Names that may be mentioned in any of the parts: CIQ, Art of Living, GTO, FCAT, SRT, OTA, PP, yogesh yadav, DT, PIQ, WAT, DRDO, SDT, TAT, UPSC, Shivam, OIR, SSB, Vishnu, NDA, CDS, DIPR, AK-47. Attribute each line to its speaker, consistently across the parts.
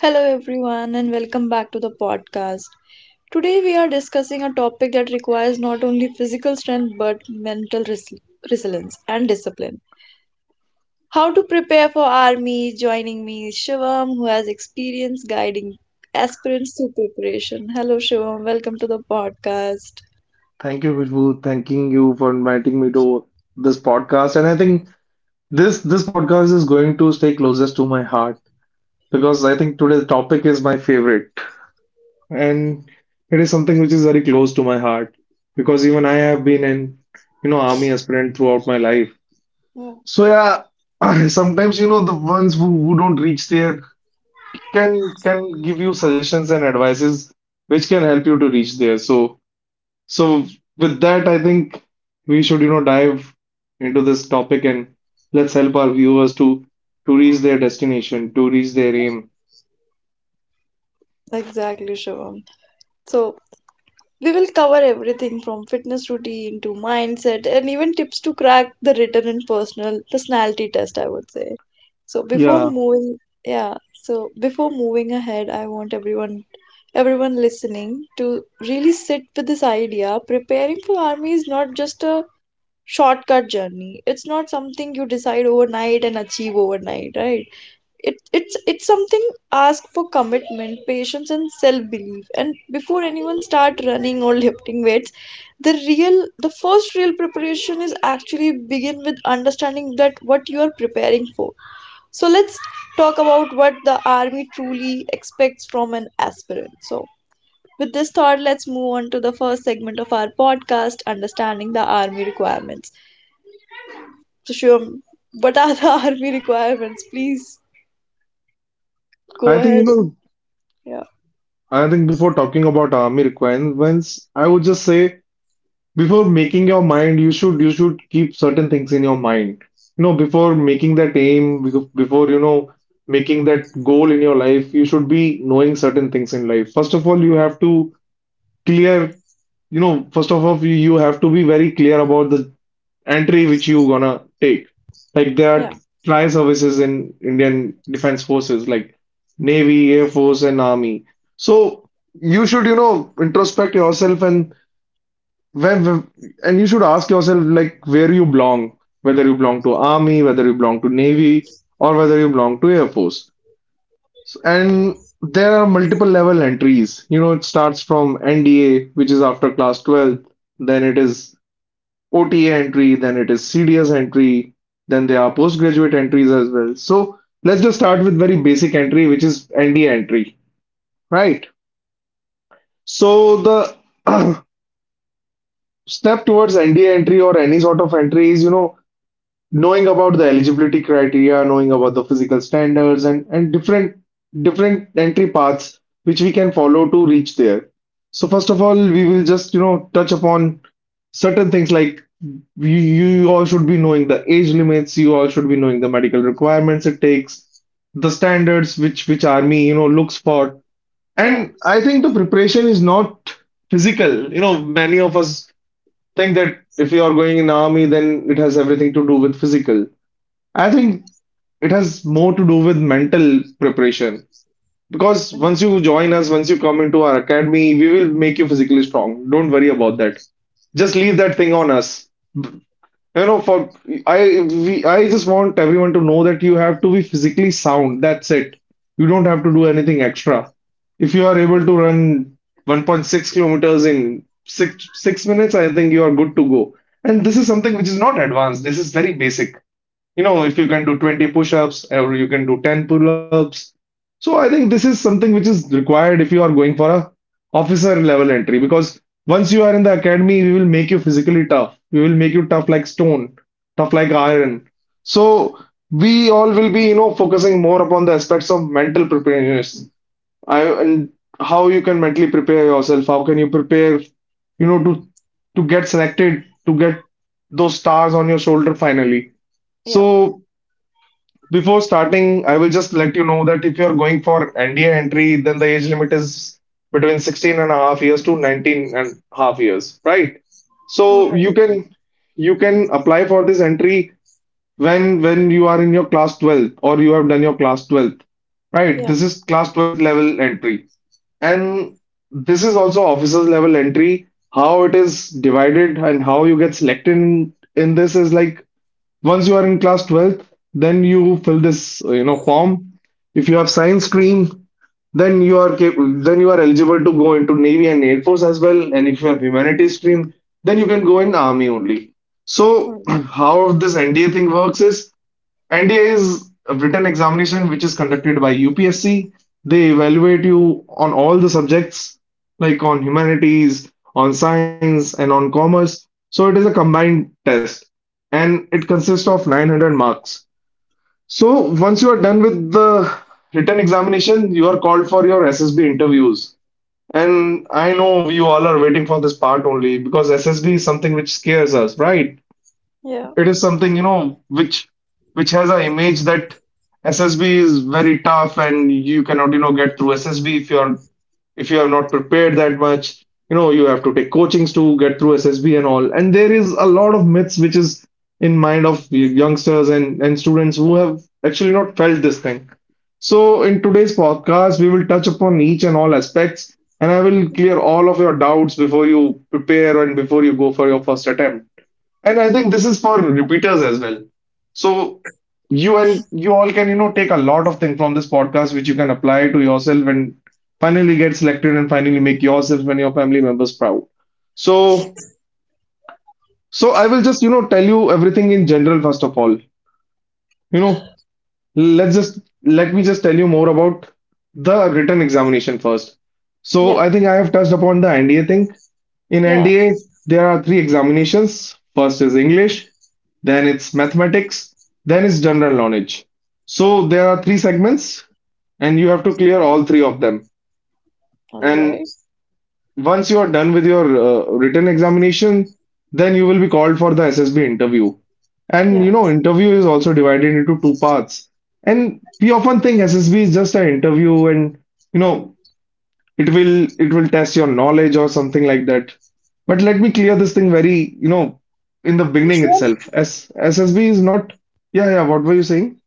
Speaker 1: Hello, everyone, and welcome back to the podcast. Today, we are discussing a topic that requires not only physical strength but mental resilience and discipline. How to prepare for army? Joining me is Shivam, who has experience guiding aspirants through preparation. Hello, Shivam. Welcome to the podcast.
Speaker 2: Thank you, Vishnu. Thanking you for inviting me to this podcast. And I think this podcast is going to stay closest to my heart because I think today's topic is my favorite. And it is something which is very close to my heart because even I have been an army aspirant throughout my life. So yeah, sometimes the ones who, don't reach there can give you suggestions and advices which can help you to reach there. So with that, I think we should, you know, dive into this topic and let's help our viewers to reach their destination, to reach their aim.
Speaker 1: Exactly, Shivam. So, we will cover everything from fitness routine to mindset and even tips to crack the written and personal personality test, I would say. So before
Speaker 2: Yeah,
Speaker 1: moving, yeah, so before moving ahead, I want everyone listening to really sit with this idea. Preparing for army is not just a shortcut journey. It's not something you decide overnight and achieve overnight, right? It's something ask for commitment, patience and self-belief. And before anyone start running or lifting weights, the first real preparation is actually begin with understanding that what you are preparing for. So let's talk about what the army truly expects from an aspirant. So with this thought, let's move on to the first segment of our podcast, understanding the army requirements. So sure, what are the army requirements? Please
Speaker 2: I
Speaker 1: go
Speaker 2: think you
Speaker 1: ahead
Speaker 2: know,
Speaker 1: yeah,
Speaker 2: I think before talking about army requirements, I would just say before making your mind, you should keep certain things in your mind. You know, before making that aim, before making that goal in your life, you should be knowing certain things in life. First of all, you have to clear you have to be very clear about the entry which you gonna take. Like there are
Speaker 1: yeah.
Speaker 2: tri services in Indian Defense Forces, like Navy, Air Force, and Army. So you should, you know, introspect yourself and and you should ask yourself like where you belong, whether you belong to Army, whether you belong to Navy, or whether you belong to Air Force. And there are multiple level entries. You know, it starts from NDA, which is after class 12, then it is OTA entry, then it is CDS entry, then there are postgraduate entries as well. So let's just start with very basic entry, which is NDA entry, right? So the step towards NDA entry or any sort of entry is, you know, knowing about the eligibility criteria, knowing about the physical standards and different entry paths which we can follow to reach there. So first of all, we will just, you know, touch upon certain things like you all should be knowing the age limits, you all should be knowing the medical requirements it takes, the standards which army, you know, looks for.
Speaker 1: Yeah.
Speaker 2: And I think the preparation is not physical. You know, many of us think that if you are going in army, then it has everything to do with physical. I think it has more to do with mental preparation because
Speaker 1: Yeah.
Speaker 2: once you join us, once you come into our academy, we will make you physically strong. Don't worry about that. Just leave that thing on us. You know, for I just want everyone to know that you have to be physically sound. That's it. You don't have to do anything extra. If you are
Speaker 1: Yeah.
Speaker 2: able to run 1.6 kilometers in six minutes, I think you are good to go. And this is something which is not advanced. This is very basic. You know, if you can do 20 push-ups or you can do 10 pull-ups, so I think this is something which is required if you are going for a officer level entry because once you are in the academy, we will make you physically tough, we will make you tough like stone, tough like iron. So we all will be, you know, focusing more upon the aspects of mental preparedness. I And how you can mentally prepare yourself? How can you prepare, you know, to get selected, to get those stars on your shoulder finally?
Speaker 1: Yeah.
Speaker 2: So before starting, I will just let you know that if you're going for NDA entry, then the age limit is between 16 and a half years to 19 and a half years, right?
Speaker 1: All
Speaker 2: So you
Speaker 1: right.
Speaker 2: can you can apply for this entry when you are in your class 12th or you have done your class 12th, right?
Speaker 1: Yeah.
Speaker 2: This is class 12th level entry. And this is also officers level entry. How it is divided and how you get selected in, this is like once you are in class 12th, then you fill this form. If you have science stream, then you are eligible to go into Navy and Air Force as well. And if you have humanities stream, then you can go in Army only.
Speaker 1: All right.
Speaker 2: So, how this NDA thing works is, NDA is a written examination which is conducted by UPSC. They evaluate you on all the subjects, like on humanities, on science, and on commerce. So, it is a combined test and it consists of 900 marks. So, once you are done with the written examination, you are called for your SSB interviews. And I know you all are waiting for this part only because SSB is something which scares us, right?
Speaker 1: Yeah.
Speaker 2: It is something, you know, which has an image that SSB is very tough and you cannot, you know, get through SSB if you have not prepared that much. You know, you have to take coachings to get through SSB and all. And there is a lot of myths which is in mind of youngsters and, students who have actually not felt this thing. So, in today's podcast, we will touch upon each and all aspects, and I will clear all of your doubts before you prepare and before you go for your first attempt. And I think this is for repeaters as well. So you all can, you know, take a lot of things from this podcast which you can apply to yourself and finally get selected and finally make yourself and your family members proud. So so I will just, you know, tell you everything in general first of all. You know, let me just tell you more about the written examination first. So
Speaker 1: Yeah.
Speaker 2: I think I have touched upon the NDA thing. In
Speaker 1: Yeah.
Speaker 2: NDA, there are three examinations. First is English, then it's mathematics, then it's general knowledge. So there are three segments, and you have to clear
Speaker 1: Mhm.
Speaker 2: all three of them.
Speaker 1: All
Speaker 2: And
Speaker 1: right.
Speaker 2: once you are done with your written examination, then you will be called for the SSB interview. And
Speaker 1: Yeah.
Speaker 2: you know, interview is also divided into two parts. And we often think SSB is just an interview, and you know, it will test your knowledge or something like that, but let me clear this thing very, you know, in the beginning
Speaker 1: Shivam,
Speaker 2: itself. S SSB is not. Yeah, yeah, what were you saying?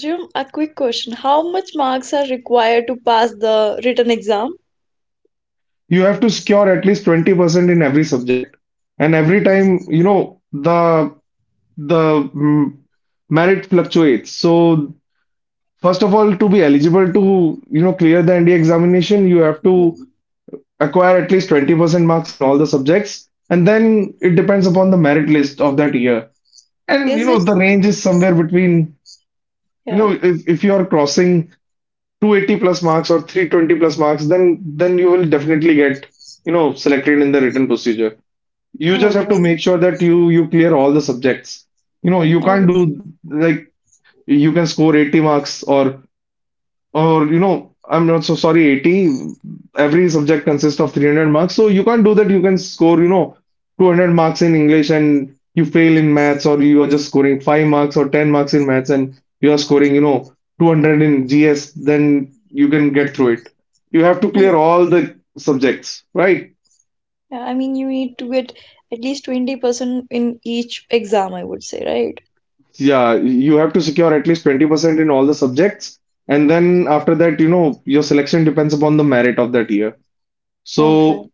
Speaker 1: Shivam, a quick question. How much marks are required to pass the written exam?
Speaker 2: You have to score at least 20% in every subject and every time, you know, the the mm, merit fluctuates. So first of all, to be eligible to, you know, clear the NDA examination, you have to
Speaker 1: Mhm.
Speaker 2: acquire at least 20% marks in all the subjects, and then it depends upon the merit list of that year. And you
Speaker 1: Is
Speaker 2: know,
Speaker 1: it?
Speaker 2: the range is somewhere between, you
Speaker 1: Yeah.
Speaker 2: know, if you are crossing 280 plus marks or 320 plus marks, then you will definitely get, you know, selected in the written procedure. You
Speaker 1: All
Speaker 2: just have to
Speaker 1: right.
Speaker 2: make sure that you clear all the subjects. You know, you
Speaker 1: All
Speaker 2: can't do
Speaker 1: right.
Speaker 2: like you can score 80 marks or you know, I'm not, so sorry, 80. Every subject consists of 300 marks. So you can't do that. You can score, you know, 200 marks in English and you fail in maths, or you are just scoring 5 marks or 10 marks in maths and you are scoring, you know, 200 in GS. Then you can get through it. You have to
Speaker 1: Oh,
Speaker 2: clear all the subjects, right?
Speaker 1: yeah. I mean, you need to get at least 20% in each exam, I would say, right?
Speaker 2: Yeah, you have to secure at least 20% in all the subjects. And then after that, you know, your selection depends upon the merit of that year.
Speaker 1: All right.
Speaker 2: So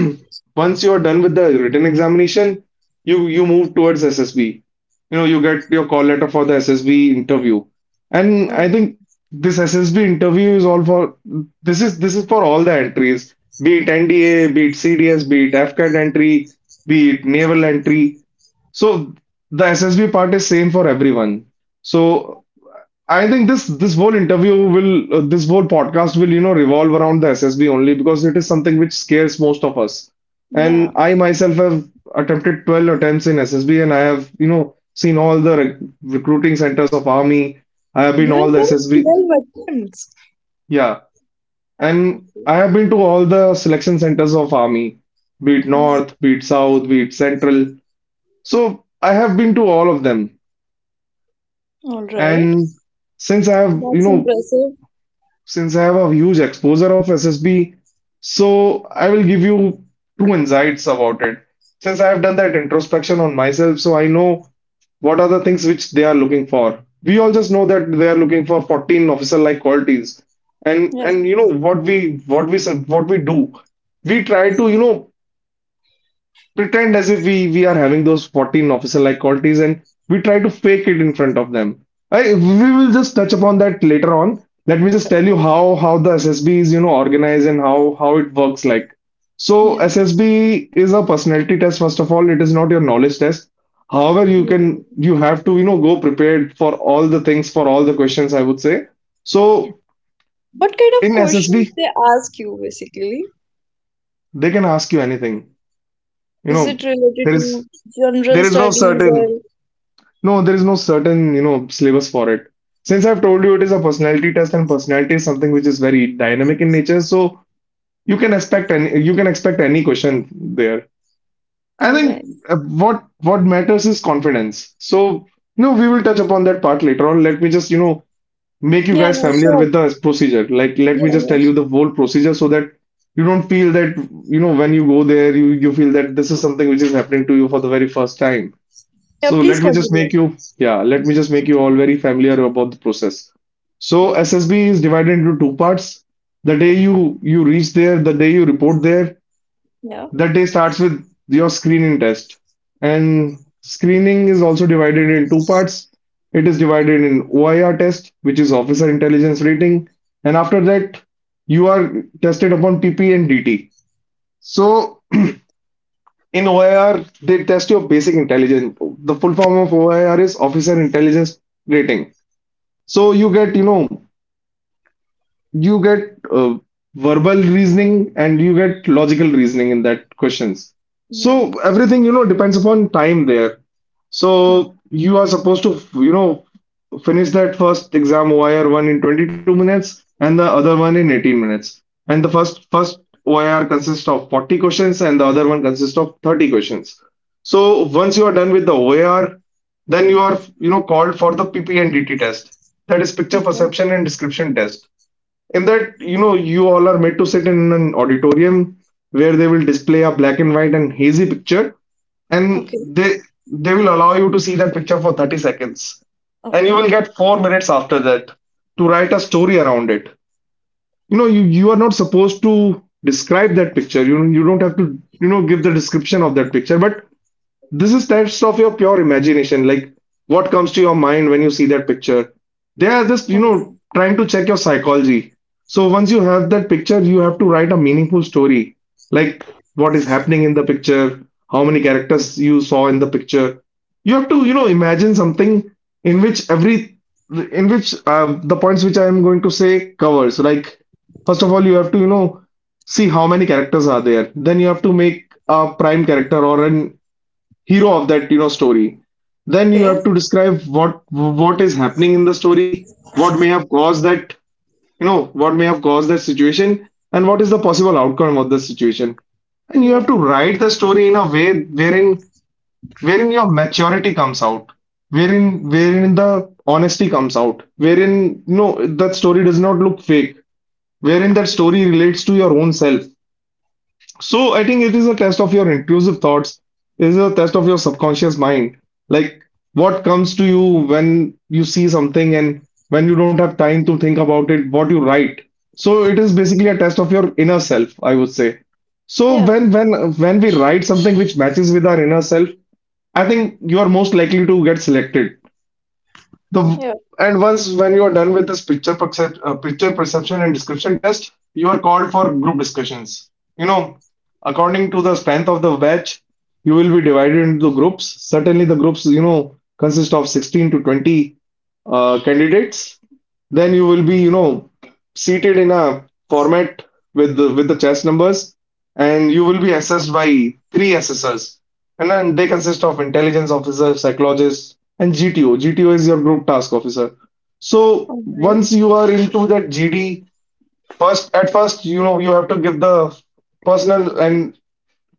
Speaker 2: once you're done with the written examination, you move towards SSB. You know, you get your call letter for the SSB interview. And
Speaker 1: All
Speaker 2: I
Speaker 1: right.
Speaker 2: think this SSB interview is all for this is for all the entries, be it NDA, be it CDS, be it FCAT entry, be it naval entry. So the SSB part is same for everyone. So I think this whole podcast will, you know, revolve around the SSB only because it is something which scares most of us.
Speaker 1: Yeah.
Speaker 2: And I myself have attempted 12 attempts in SSB and I have, you know, seen all the recruiting centers of army. I have been
Speaker 1: You
Speaker 2: all
Speaker 1: have
Speaker 2: the
Speaker 1: done
Speaker 2: SSB.
Speaker 1: 12 attempts.
Speaker 2: Yeah. And
Speaker 1: Okay.
Speaker 2: I have been to all the selection centers of army, be it
Speaker 1: All
Speaker 2: north, be it south, be it central. So I have been to all of them,
Speaker 1: all right.
Speaker 2: and since I have you
Speaker 1: That's
Speaker 2: know
Speaker 1: impressive.
Speaker 2: since I have a huge exposure of SSB, so I will give you two insights about it. Since I have done that introspection on myself, so I know what are the things which they are looking for. We all just know that they are looking for 14 officer-like qualities. And
Speaker 1: Yeah.
Speaker 2: and you know what we what we do, we try to pretend as if we are having those 14 officer like qualities, and we try to fake it in front of them. We will just touch upon that later on. Let me just tell you how the SSB is, you know, organized and how it works. Like, so
Speaker 1: Yeah.
Speaker 2: SSB is a personality test. First of all, it is not your knowledge test. However, you can,
Speaker 1: Mm.
Speaker 2: you have to, you know, go prepared for all the things, for all the questions, I would say. So
Speaker 1: What kind of
Speaker 2: in SSB,
Speaker 1: questions they ask you basically?
Speaker 2: they can ask you anything, you know.
Speaker 1: Is it related
Speaker 2: there is
Speaker 1: to
Speaker 2: there
Speaker 1: general
Speaker 2: is no
Speaker 1: studies
Speaker 2: certain,
Speaker 1: or
Speaker 2: no, there is no certain, you know, syllabus for it. Since I've told you it is a personality test, and personality is something which is very dynamic in nature, so you can expect any question there. I
Speaker 1: all
Speaker 2: think
Speaker 1: right?
Speaker 2: what matters is confidence. So, you know, we will touch upon that part later on. Let me just, you know, make you
Speaker 1: Yeah,
Speaker 2: guys
Speaker 1: yeah,
Speaker 2: familiar
Speaker 1: sure.
Speaker 2: with the procedure. Like, let
Speaker 1: Yeah,
Speaker 2: me just
Speaker 1: yeah,
Speaker 2: tell you
Speaker 1: sure.
Speaker 2: the whole procedure so that you don't feel that, you know, when you go there, you feel that this is something which is happening to you for the very first time.
Speaker 1: Yeah,
Speaker 2: So
Speaker 1: please
Speaker 2: let me just
Speaker 1: continue.
Speaker 2: make you, yeah, let me just make you all very familiar about the process.
Speaker 1: Yeah,
Speaker 2: So SSB is divided into two parts. The day you reach there, the day you report there,
Speaker 1: yeah,
Speaker 2: that day starts with your screening test. And screening is also divided in two parts. It is divided in OIR test, which is officer intelligence rating, and after that you are tested upon PP and DT. So in OIR, they test your basic intelligence. The full form of OIR is Officer Intelligence Rating. So you get, you know, you get verbal reasoning, and you get logical reasoning in that questions. So everything, you know, depends upon time there.
Speaker 1: yeah,
Speaker 2: So you are supposed to, you know, finish that first exam OIR one in 22 minutes and the other one in 18 minutes. And the first OIR consists of 40 questions, and the other one consists of 30 questions. So once you are done with the OAR, then you are, you know, called for the PP and DT test, that is picture
Speaker 1: yeah.
Speaker 2: perception and description test. In that, you know, you all are made to sit in an auditorium where they will display a black and white and hazy picture, and
Speaker 1: Okay,
Speaker 2: they will allow you to see that picture for 30 seconds. And you
Speaker 1: okay,
Speaker 2: will get 4 minutes after that to write a story around it. You know, you are not supposed to describe that picture. You don't have to, you know, give the description of that picture, but this is test of your pure imagination. Like, what comes to your mind when you see that picture. They are just,
Speaker 1: okay.
Speaker 2: you
Speaker 1: All
Speaker 2: know,
Speaker 1: right.
Speaker 2: trying to check your psychology. So once you have that picture, you have to write a meaningful story, like what is happening in the picture, how many characters you saw in the picture. You have to, you know, imagine something in which every, in which the points which I am going to say covers. Like, first of all, you have to, you know, see how many characters are there. Then you have to make a prime character or an hero of that, you know, story. Then you
Speaker 1: Okay.
Speaker 2: have to describe what is happening in the story, what may have caused that, you know, what may have caused that situation, and what is the possible outcome of the situation. And you have to
Speaker 1: Right.
Speaker 2: write the story in a way wherein, your maturity comes out, wherein, wherein the honesty comes out, wherein, no, that story does not look fake, wherein that story relates to your own self. So I think it is a test of your inclusive thoughts. It is a test of your subconscious mind. Like, what comes to you when you see something, and when you don't have time to think about it, what you write. So it is basically a test of your inner self, I would say. So
Speaker 1: Yeah,
Speaker 2: when we write something which matches with our inner self, I think you are most likely to get selected. The
Speaker 1: yeah.
Speaker 2: And once when you are done with this picture perception and description test, you are called for group discussions. You know, according to the strength of the batch, you will be divided into groups. Certainly, the groups, you know, consist of 16 to 20 candidates. Then you will be, you know, seated in a format with the chess numbers, and you will be assessed by three assessors, and then they consist of intelligence officer, psychologist, and GTO. GTO is your group task officer. So
Speaker 1: All right.
Speaker 2: once you are into that GD, first at first you know, you have to give the personal and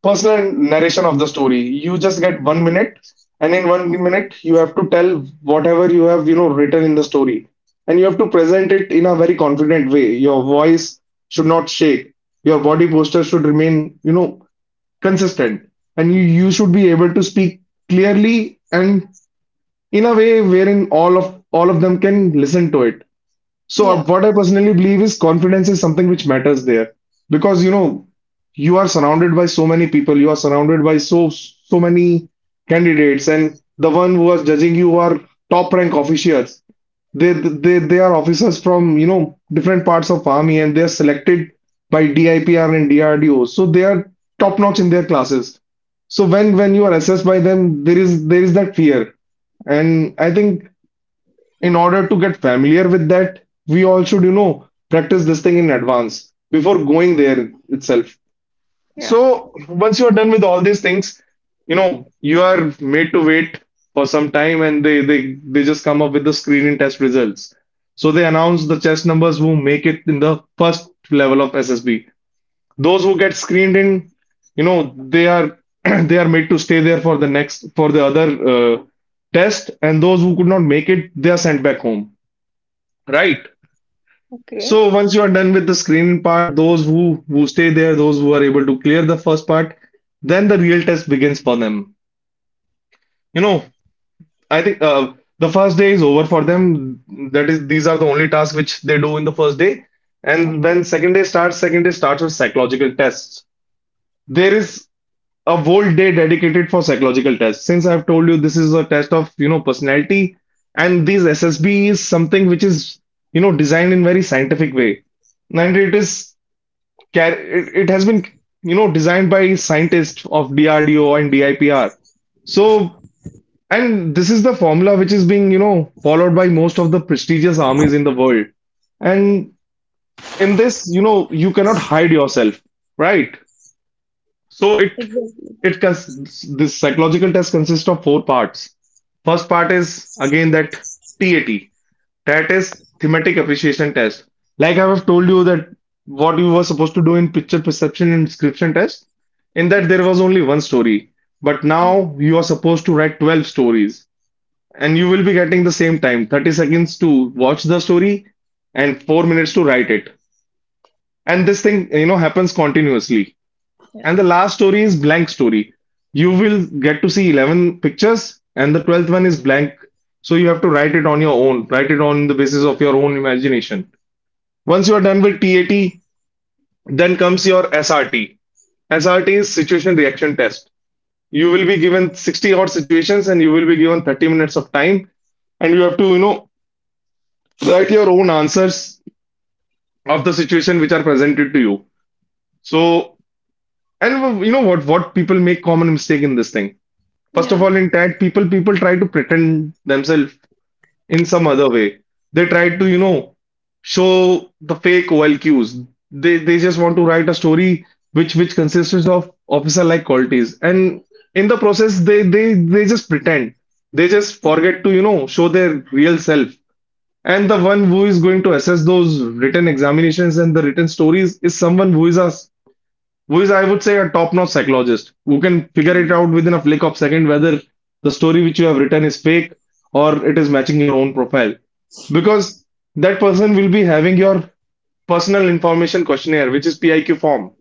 Speaker 2: personal narration of the story. You just get 1 minute, and in 1 minute, you have to tell whatever you have, you know, written in the story, and you have to present it in a very confident way. Your voice should not shake. Your body posture should remain, you know, consistent, and you should be able to speak clearly and in a way wherein all of them can listen to it. So
Speaker 1: Yeah,
Speaker 2: what I personally believe is confidence is something which matters there, because you know, you are surrounded by so many people, you are surrounded by so many candidates, and the one who was judging you are top rank officials. They are officers from, you know, different parts of army, and they are selected by DIPR and DRDO, so they are top notch in their classes. So when you are assessed by them, there is that fear, and I think in order to get familiar with that, we all should, you know, practice this thing in advance before going there itself.
Speaker 1: yeah.
Speaker 2: So once you are done with all these things, you know, you are made to wait for some time, and they just come up with the screening test results. So they announce the chess numbers who make it in the first level of SSB. Those who get screened in, you know, they are they are made to stay there for the next, for the other uh, test, and those who could not make it, they are sent back home. Right.
Speaker 1: Okay,
Speaker 2: So once you are done with the screening part, those who stay there, those who are able to clear the first part, then the real test begins for them. You know, I think the first day is over for them. That is, these are the only tasks which they do in the first day, and
Speaker 1: okay.
Speaker 2: when second day starts with psychological tests. There is a whole day dedicated for psychological tests. Since I've told you this is a test of, you know, personality, and these SSB is something which is, you know, designed in very scientific way, and it is car- it has been, you know, designed by scientists of DRDO and DIPR. So, and this is the formula which is being, you know, followed by most of the prestigious armies in the world. And in this, you know, you cannot hide yourself, right? So
Speaker 1: Exactly.
Speaker 2: this psychological test consists of four parts. First part is again that TAT, that is thematic appreciation test. Like, I have told you that what you were supposed to do in picture perception and description test, in that
Speaker 1: Yeah,
Speaker 2: there was only one story. But
Speaker 1: yeah.
Speaker 2: now you are supposed to write 12 stories, and you will be getting the same time, 30 seconds to watch the story and 4 minutes to write it. And this thing,
Speaker 1: Okay.
Speaker 2: you know, happens continuously.
Speaker 1: Yeah,
Speaker 2: And the last story is blank story. You will get to see 11 pictures, and the 12th one is blank. So you have to write it on your own, write it on the basis of your own imagination. Once you are done with TAT, then comes your SRT. SRT is situation reaction test. You will be given 60 odd situations, and you will be given 30 minutes of time, and you have to, you know, write your own answers of the situation which are presented to you. So, and you know what people make common mistake in this thing. First of
Speaker 1: yeah.
Speaker 2: all, in tag, people try to pretend themselves in some other way. They try to, you know, show the fake OLQs. They just want to write a story which consists of officer like qualities. And in the process, they just pretend. They just forget
Speaker 1: Okay.
Speaker 2: to, you know, show their real self. And the one who is going to assess those written examinations and the written stories is someone who is a who is, I would say, a top-notch psychologist who can figure it
Speaker 1: Mm.
Speaker 2: out within a flick of second whether the story which you have written is fake or it is matching your own profile. Because that person will be having your personal information questionnaire, which is PIQ form.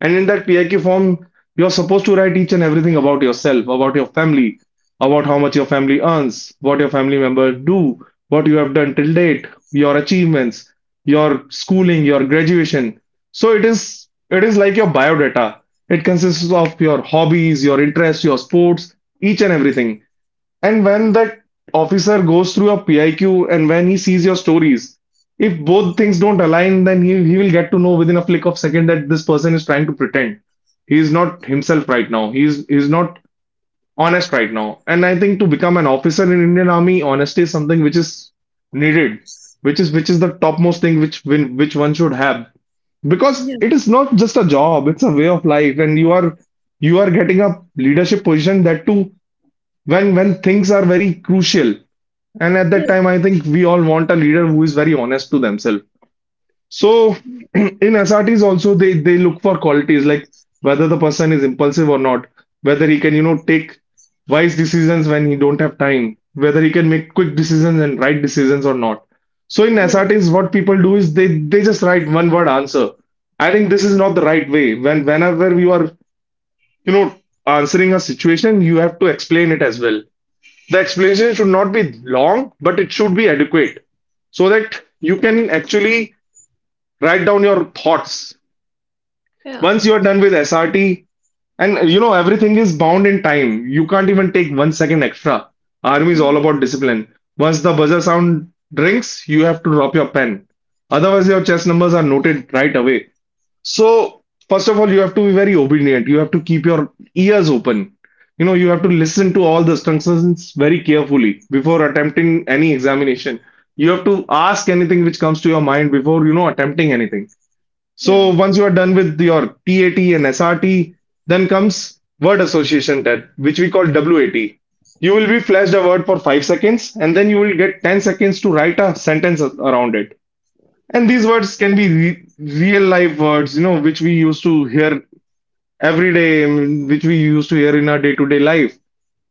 Speaker 2: And in that PIQ form, you're supposed to write each and everything about yourself, about your family, about how much your family earns, what your family members do, what you have done till date, your achievements, your schooling, your graduation. So it is like your biodata. It consists of your hobbies, your interests, your sports, each and everything. And when that officer goes through your PIQ and when he sees your stories, if both things don't align, then he will get to know within a flick of second that this person is trying to pretend. He is not himself right now. He is not honest right now. And I think to become an officer in Indian Army, honesty is something which is needed, which is the topmost thing which one should have. Because
Speaker 1: Yeah,
Speaker 2: it is not just a job, it's a way of life, and you are getting a leadership position that too when things are very crucial, and at that
Speaker 1: yeah,
Speaker 2: time I think we all want a leader who is very honest to themselves. So in SRTs also they look for qualities like whether the person is impulsive or not, whether he can, you know, take wise decisions when he don't have time, whether he can make quick decisions and right decisions or not. So in
Speaker 1: yeah,
Speaker 2: SRTs what people do is they just write one word answer. I think this is not the right way. Whenever you are, you know, answering a situation, you have to explain it as well. The explanation should not be long, but it should be adequate, so that you can actually write down your thoughts.
Speaker 1: yeah,
Speaker 2: Once you are done with SRT, and you know, everything is bound in time. You can't even take 1 second extra. Army is
Speaker 1: yeah,
Speaker 2: all about discipline. Once the buzzer sound rings, you have to drop your pen. Otherwise, your chess numbers are noted right away. So, first of all, you have to be very obedient. You have to keep your ears open. You know, you have to listen to all the instructions very carefully before attempting any examination. You have to ask anything which comes to your mind before, you know, attempting anything. So, once you are done with your TAT and SRT, then comes word association test, which we call WAT. You will be flashed a word for 5 seconds and then you will get 10 seconds to write a sentence around it. And these words can be re real life words, you know, which we used to hear every day, I mean, which we used to hear in our day-to-day life.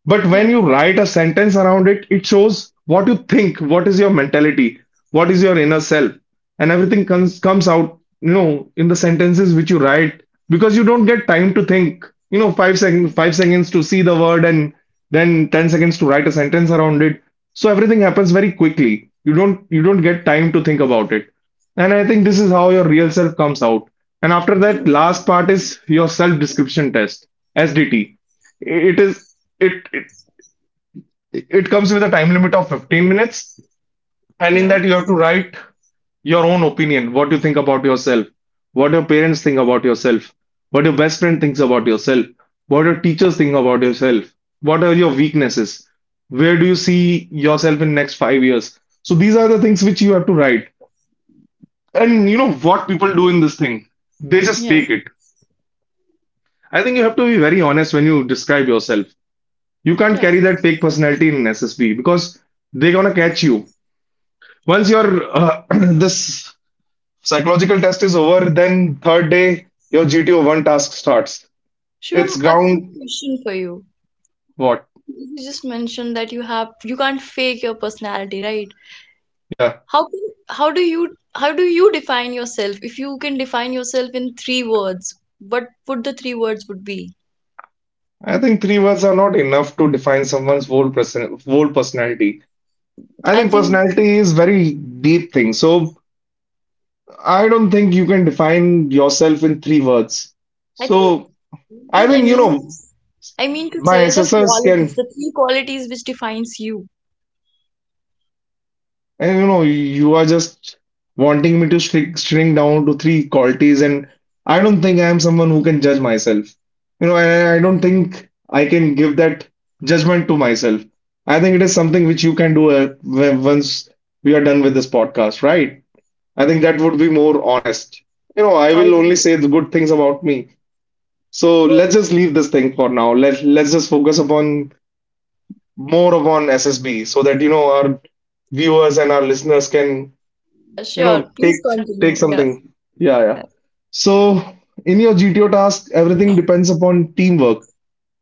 Speaker 2: But when
Speaker 1: yeah.
Speaker 2: you write a sentence around it, it shows what you think, what is your mentality, what is your inner self, and everything comes out, you know, in the sentences which you write, because you don't get time to think, you know, 5 seconds,
Speaker 1: Yeah.
Speaker 2: 5 seconds to see the word and then 10 seconds to write a sentence around it. So everything happens very quickly. You don't get time to think about it. And I think this is how your real self comes out. And after that, last part is your self description test, SDT. It is it it comes with a time limit of 15 minutes, and in
Speaker 1: Yeah,
Speaker 2: that you have to write your own opinion, what you think about yourself, what your parents think about yourself, what your best friend thinks about yourself, what your teachers think about yourself, what are your weaknesses, where do you see yourself in next 5 years. So these are the things which you have to write. And you know what people do in this thing? They just
Speaker 1: yeah,
Speaker 2: fake it. I think you have to be very honest when you describe yourself. You can't
Speaker 1: yeah.
Speaker 2: carry that fake personality in SSB, because they're gonna catch you. Once your uh, this psychological test is over, then third day your GTO one task starts. It's
Speaker 1: Shivam, a
Speaker 2: ground
Speaker 1: quick question for you.
Speaker 2: what?
Speaker 1: You just mentioned that you have you can't fake your personality, right?
Speaker 2: Yeah,
Speaker 1: How can how do you define yourself? If you can define yourself in three words, what would the three words would be?
Speaker 2: I think three words are not enough to define someone's whole personality. I
Speaker 1: I
Speaker 2: think
Speaker 1: think
Speaker 2: personality is very deep thing. So I don't think you can define yourself in three words.
Speaker 1: I think
Speaker 2: So
Speaker 1: I
Speaker 2: I
Speaker 1: mean I
Speaker 2: think, you
Speaker 1: mean to
Speaker 2: know,
Speaker 1: s- I mean to
Speaker 2: my
Speaker 1: say the
Speaker 2: assessors
Speaker 1: qualities,
Speaker 2: can.
Speaker 1: the three qualities which defines you.
Speaker 2: And you know, you are just wanting me to shrink down to three qualities, and I don't think I am someone who can judge myself. You know, and I don't think I can give that judgment to myself. I think it is something which you can do once we are done with this podcast, right? I think that would be more honest. You know, I
Speaker 1: All
Speaker 2: will only
Speaker 1: right.
Speaker 2: say the good things about me. So let's just leave this thing for now. Let's just focus upon more upon SSB, so that you know our viewers and our listeners can, you
Speaker 1: Sure,
Speaker 2: know,
Speaker 1: please
Speaker 2: take
Speaker 1: continue.
Speaker 2: take
Speaker 1: Yeah.
Speaker 2: something, yeah, yeah.
Speaker 1: Yeah.
Speaker 2: So in your GTO task, everything depends upon teamwork.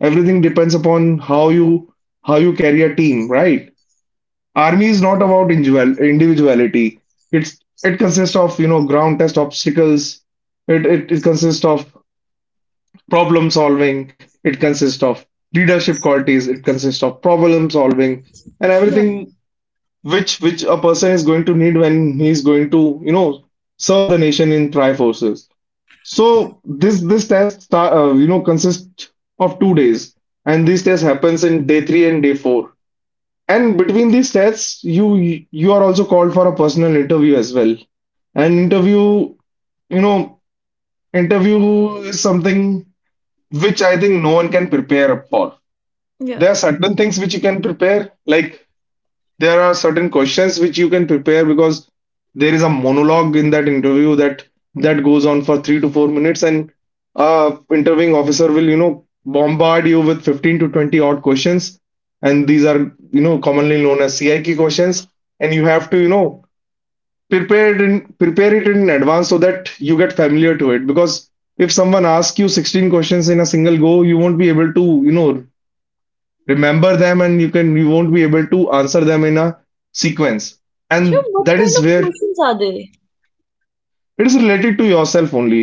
Speaker 2: Everything depends upon how you carry a team, right? Army is not about individuality. It's it consists of, you know, ground test obstacles. It consists of problem solving, it consists of leadership qualities, it consists of problem solving, and
Speaker 1: Yeah.
Speaker 2: everything which a person is going to need when he's going to, you know, serve the nation in tri forces. So this test start, you know, consists of 2 days, and this test happens in day 3 and day 4. And between these tests you are also called for a personal interview as well. And interview, you know, interview is something which I think no one can prepare up for.
Speaker 1: Yeah.
Speaker 2: There are certain things which you can prepare, like there are certain questions which you can prepare, because there is a monologue in that interview, that goes on for 3 to 4 minutes, and interviewing officer will, you know, bombard you with 15 to 20 odd questions. And these are, you know, commonly known as CIQ questions. And you have to, you know, prepare it in advance, so that you get familiar to it. Because if someone asks you 16 questions in a single go, you won't be able to, you know, remember them, and you won't be able to answer them in a sequence.
Speaker 1: Sure,
Speaker 2: And
Speaker 1: what
Speaker 2: that
Speaker 1: kind
Speaker 2: is
Speaker 1: of
Speaker 2: where
Speaker 1: questions are they?
Speaker 2: it is related to yourself only,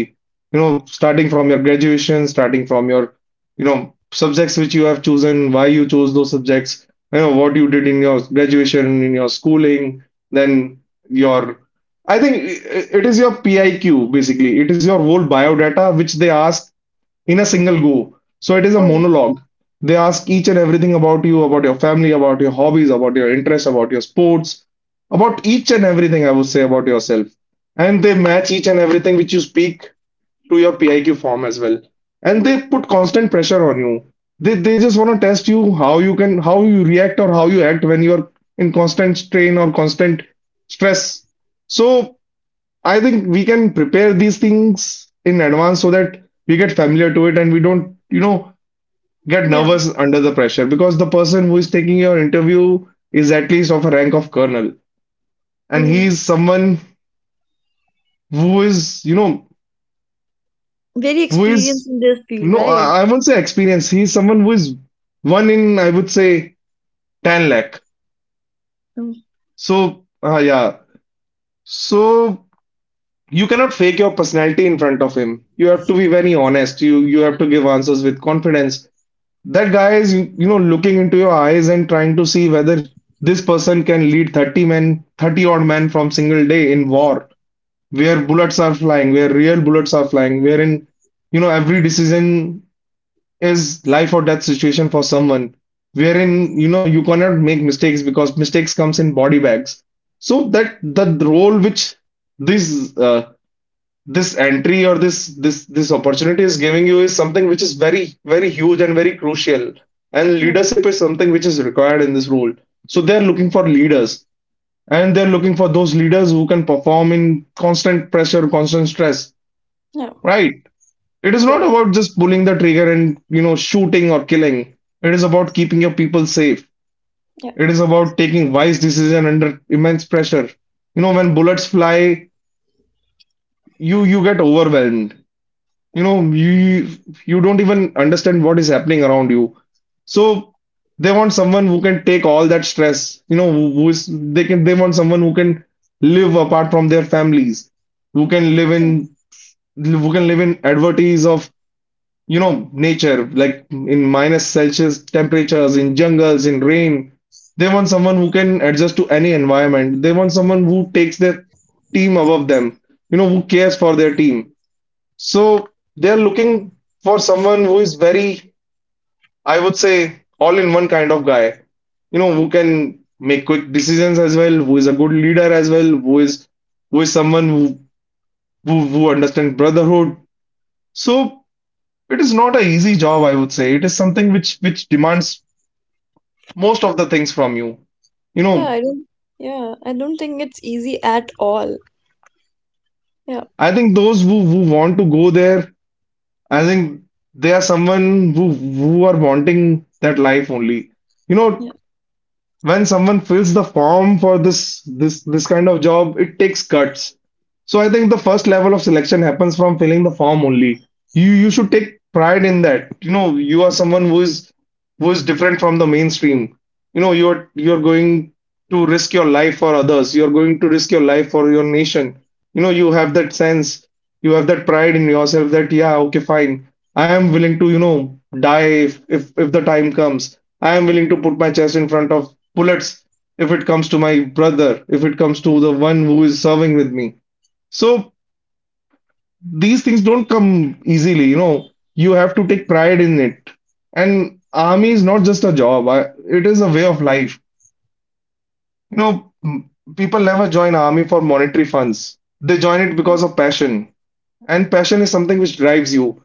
Speaker 2: you know, starting from your graduation, starting from your, you know, subjects which you have chosen, why you chose those subjects, you know, what you did in your graduation, in your schooling. Then your, I think it is your PIQ. Basically it is your whole biodata which they ask in a single go. So it is a
Speaker 1: Oh.
Speaker 2: monologue. They ask each and everything about you, about your family, about your hobbies, about your interests, about your sports, about each and everything, I would say, about yourself. And they match each and everything which you speak to your PIQ form as well. And they put constant pressure on you. They just want to test you how you can how you react or how you act when you're in constant strain or constant stress. So I think we can prepare these things in advance, so that we get familiar to it and we don't, you know, get
Speaker 1: Yeah.
Speaker 2: nervous under the pressure. Because the person who is taking your interview is at least of a rank of colonel, and
Speaker 1: Mm,
Speaker 2: he is someone who is, you know,
Speaker 1: very
Speaker 2: who
Speaker 1: experienced
Speaker 2: is
Speaker 1: in this field,
Speaker 2: no,
Speaker 1: right?
Speaker 2: I won't say experience. He is someone who is one in, I would say, 10 lakh.
Speaker 1: Mm.
Speaker 2: So, yeah. So you cannot fake your personality in front of him. You have to be very honest. You have to give answers with confidence. That guy is, you know, looking into your eyes and trying to see whether this person can lead 30 men, 30 odd men, from single day in war, where bullets are flying, where real bullets are flying, wherein, you know, every decision is life or death situation for someone, wherein, you know, you cannot make mistakes, because mistakes comes in body bags. So that the role which these this entry or this opportunity is giving you is something which is very very huge and very crucial, and
Speaker 1: Yeah,
Speaker 2: leadership is something which is required in this role. So they're looking for leaders, and they're looking for those leaders who can perform in constant pressure, constant stress.
Speaker 1: yeah,
Speaker 2: Right. It is not
Speaker 1: exactly.
Speaker 2: about just pulling the trigger and shooting or killing. It is about keeping your people safe.
Speaker 1: Yeah,
Speaker 2: It is about taking wise decision under immense pressure. When bullets fly, you get overwhelmed. You know you you don't even understand what is happening around you. So they want someone who can take all that stress, who is, they want someone who can live apart from their families, who can live in who can live in adversities of, nature, like in minus celsius temperatures, in jungles, in rain. They want someone who can adjust to any environment. They want someone who takes their team above them, who cares for their team. So they're looking for someone who is very, I would say, all in one kind of guy. You know, who can make quick decisions as well, who is a good leader as well, who is someone who understands brotherhood. So it is not an easy job, I would say. It is something which demands most of the things from you. You
Speaker 1: yeah.
Speaker 2: know,
Speaker 1: I don't. Yeah, I don't think it's easy at all. Yeah,
Speaker 2: I think those who want to go there, I think they are someone who are wanting that life only. You know,
Speaker 1: yeah.
Speaker 2: when someone fills the form for this kind of job, it takes guts. So I think the first level of selection happens from filling the form only. You should take pride in that. You are someone who is different from the mainstream. You know you're you're going to risk your life for others. You're going to risk your life for your nation. You have that sense. You have that pride in yourself that, yeah, okay, fine, I am willing to, die if the time comes. I am willing to put my chest in front of bullets if it comes to my brother, if it comes to the one who is serving with me. So these things don't come easily, you know. You have to
Speaker 1: Mhm.
Speaker 2: take pride in it. And army is not just a job. It is a way of life. You know, m- people never join army for monetary funds. They join it because of passion. And passion is something which drives you.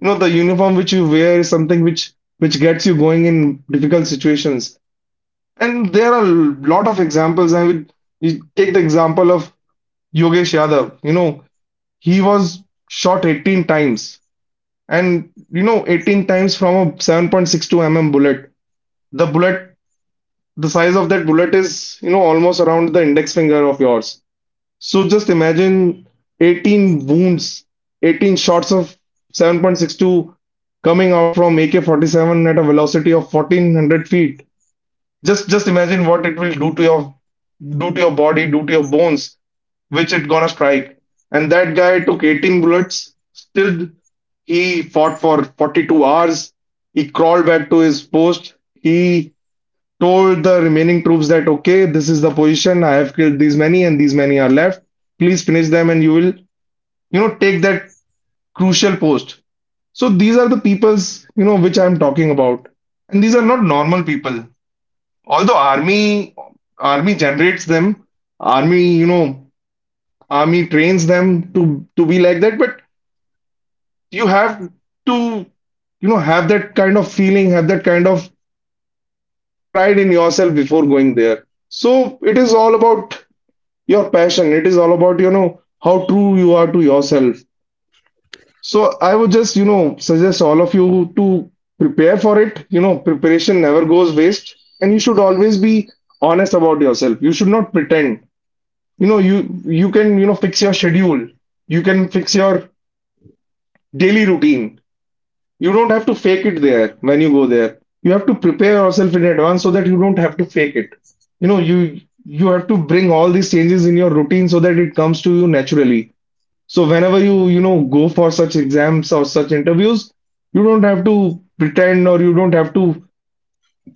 Speaker 2: You know the uniform which you wear is something which gets you going in difficult situations. And there are a lot of examples. I would you take the example of Yogesh Yadav. He was shot 18 times, and 18 times from a 7.62 mm bullet. The bullet, the size of that bullet is, almost around the index finger of yours. So just imagine 18 wounds, 18 shots of 7.62 coming out from AK-47 at a velocity of 1400 feet. Just imagine what it will do to your body, do to your bones, which it gonna strike. And that guy took 18 bullets, still he fought for 42 hours. He crawled back to his post. He told the remaining troops that, okay, this is the position, I have killed these many and these many are left. Please finish them and you will, take that crucial post. So these are the peoples, which I'm talking about. And these are
Speaker 1: Yeah.
Speaker 2: not normal people. Although army generates them, army, you know, army trains them to be like that, but you have to, have that kind of feeling, have that kind of pride in yourself before going there. So it is all about your passion. It is all about, how true you are to yourself. So I would just, suggest all of you to prepare for it. Preparation never goes waste, and you should always be honest about yourself. You should not pretend. You know, you you can, fix your schedule. You can fix your daily routine. You don't have to fake it there when you go there. You have to prepare yourself in advance so that you don't have to fake it. You have to bring all these changes in your routine so that it comes to you naturally. So whenever you, go for such exams or such interviews, you don't have to pretend or you don't have to,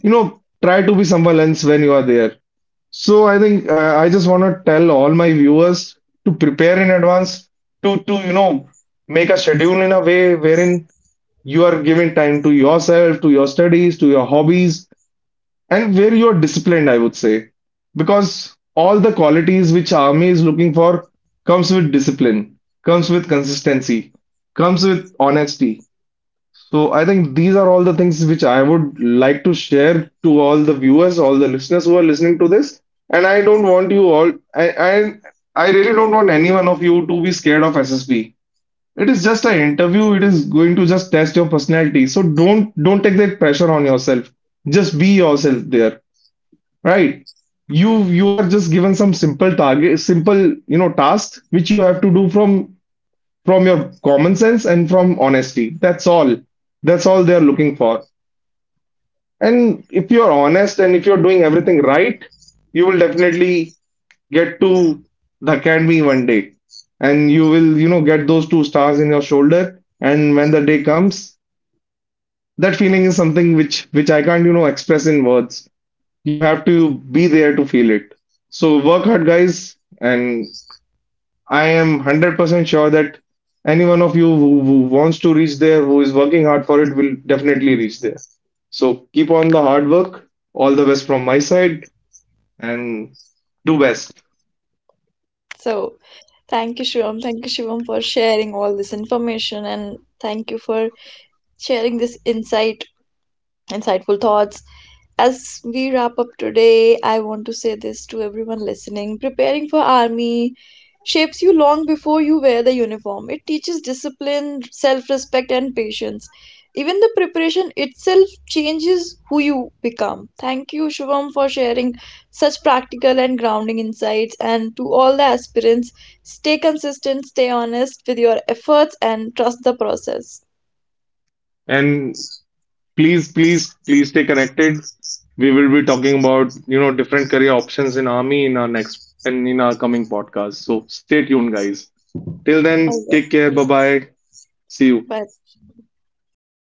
Speaker 2: try to be someone else when you are there. So I think I just want to tell all my viewers to prepare in advance, to make a schedule in a way wherein you are giving time to yourself, to your studies, to your hobbies, and where you are disciplined, I would say, because all the qualities which army is looking for comes with discipline, comes with consistency, comes with honesty. So I think these are all the things which I would like to share to all the viewers, all the listeners who are listening to this. And I don't want you all, I really don't want any one of you to be scared of SSB. It is just an interview. It is going to just test your personality. So don't take that pressure on yourself. Just be yourself there. Right. You are just given some simple target, simple, tasks which you have to do from your common sense and from honesty. That's all. That's all they are looking for. And if you're honest and if you're doing everything right, you will definitely get to the academy one day. And you will, get those two stars in your shoulder. And when the day comes, that feeling is something which I can't, express in words. You have to be there to feel it. So work hard, guys, and I am 100% sure that any one of you who wants to reach there, who is working hard for it, will definitely reach there. So keep on the hard work. All the best from my side, and do best.
Speaker 1: So thank you, Shivam. Thank you, Shivam, for sharing all this information, and thank you for sharing this insightful thoughts. As we wrap up today, I want to say this to everyone listening, preparing for army shapes you long before you wear the uniform. It teaches discipline, self respect, and patience. Even the preparation itself changes who you become. Thank you, Shivam, for sharing such practical and grounding insights. And to all the aspirants, stay consistent, stay honest with your efforts, and trust the process.
Speaker 2: And please, please, please stay connected. We will be talking about, different career options in army in our next and in our coming podcast. So stay tuned, guys. Till then,
Speaker 1: All right.
Speaker 2: take care. Bye bye. See you.
Speaker 1: Bye.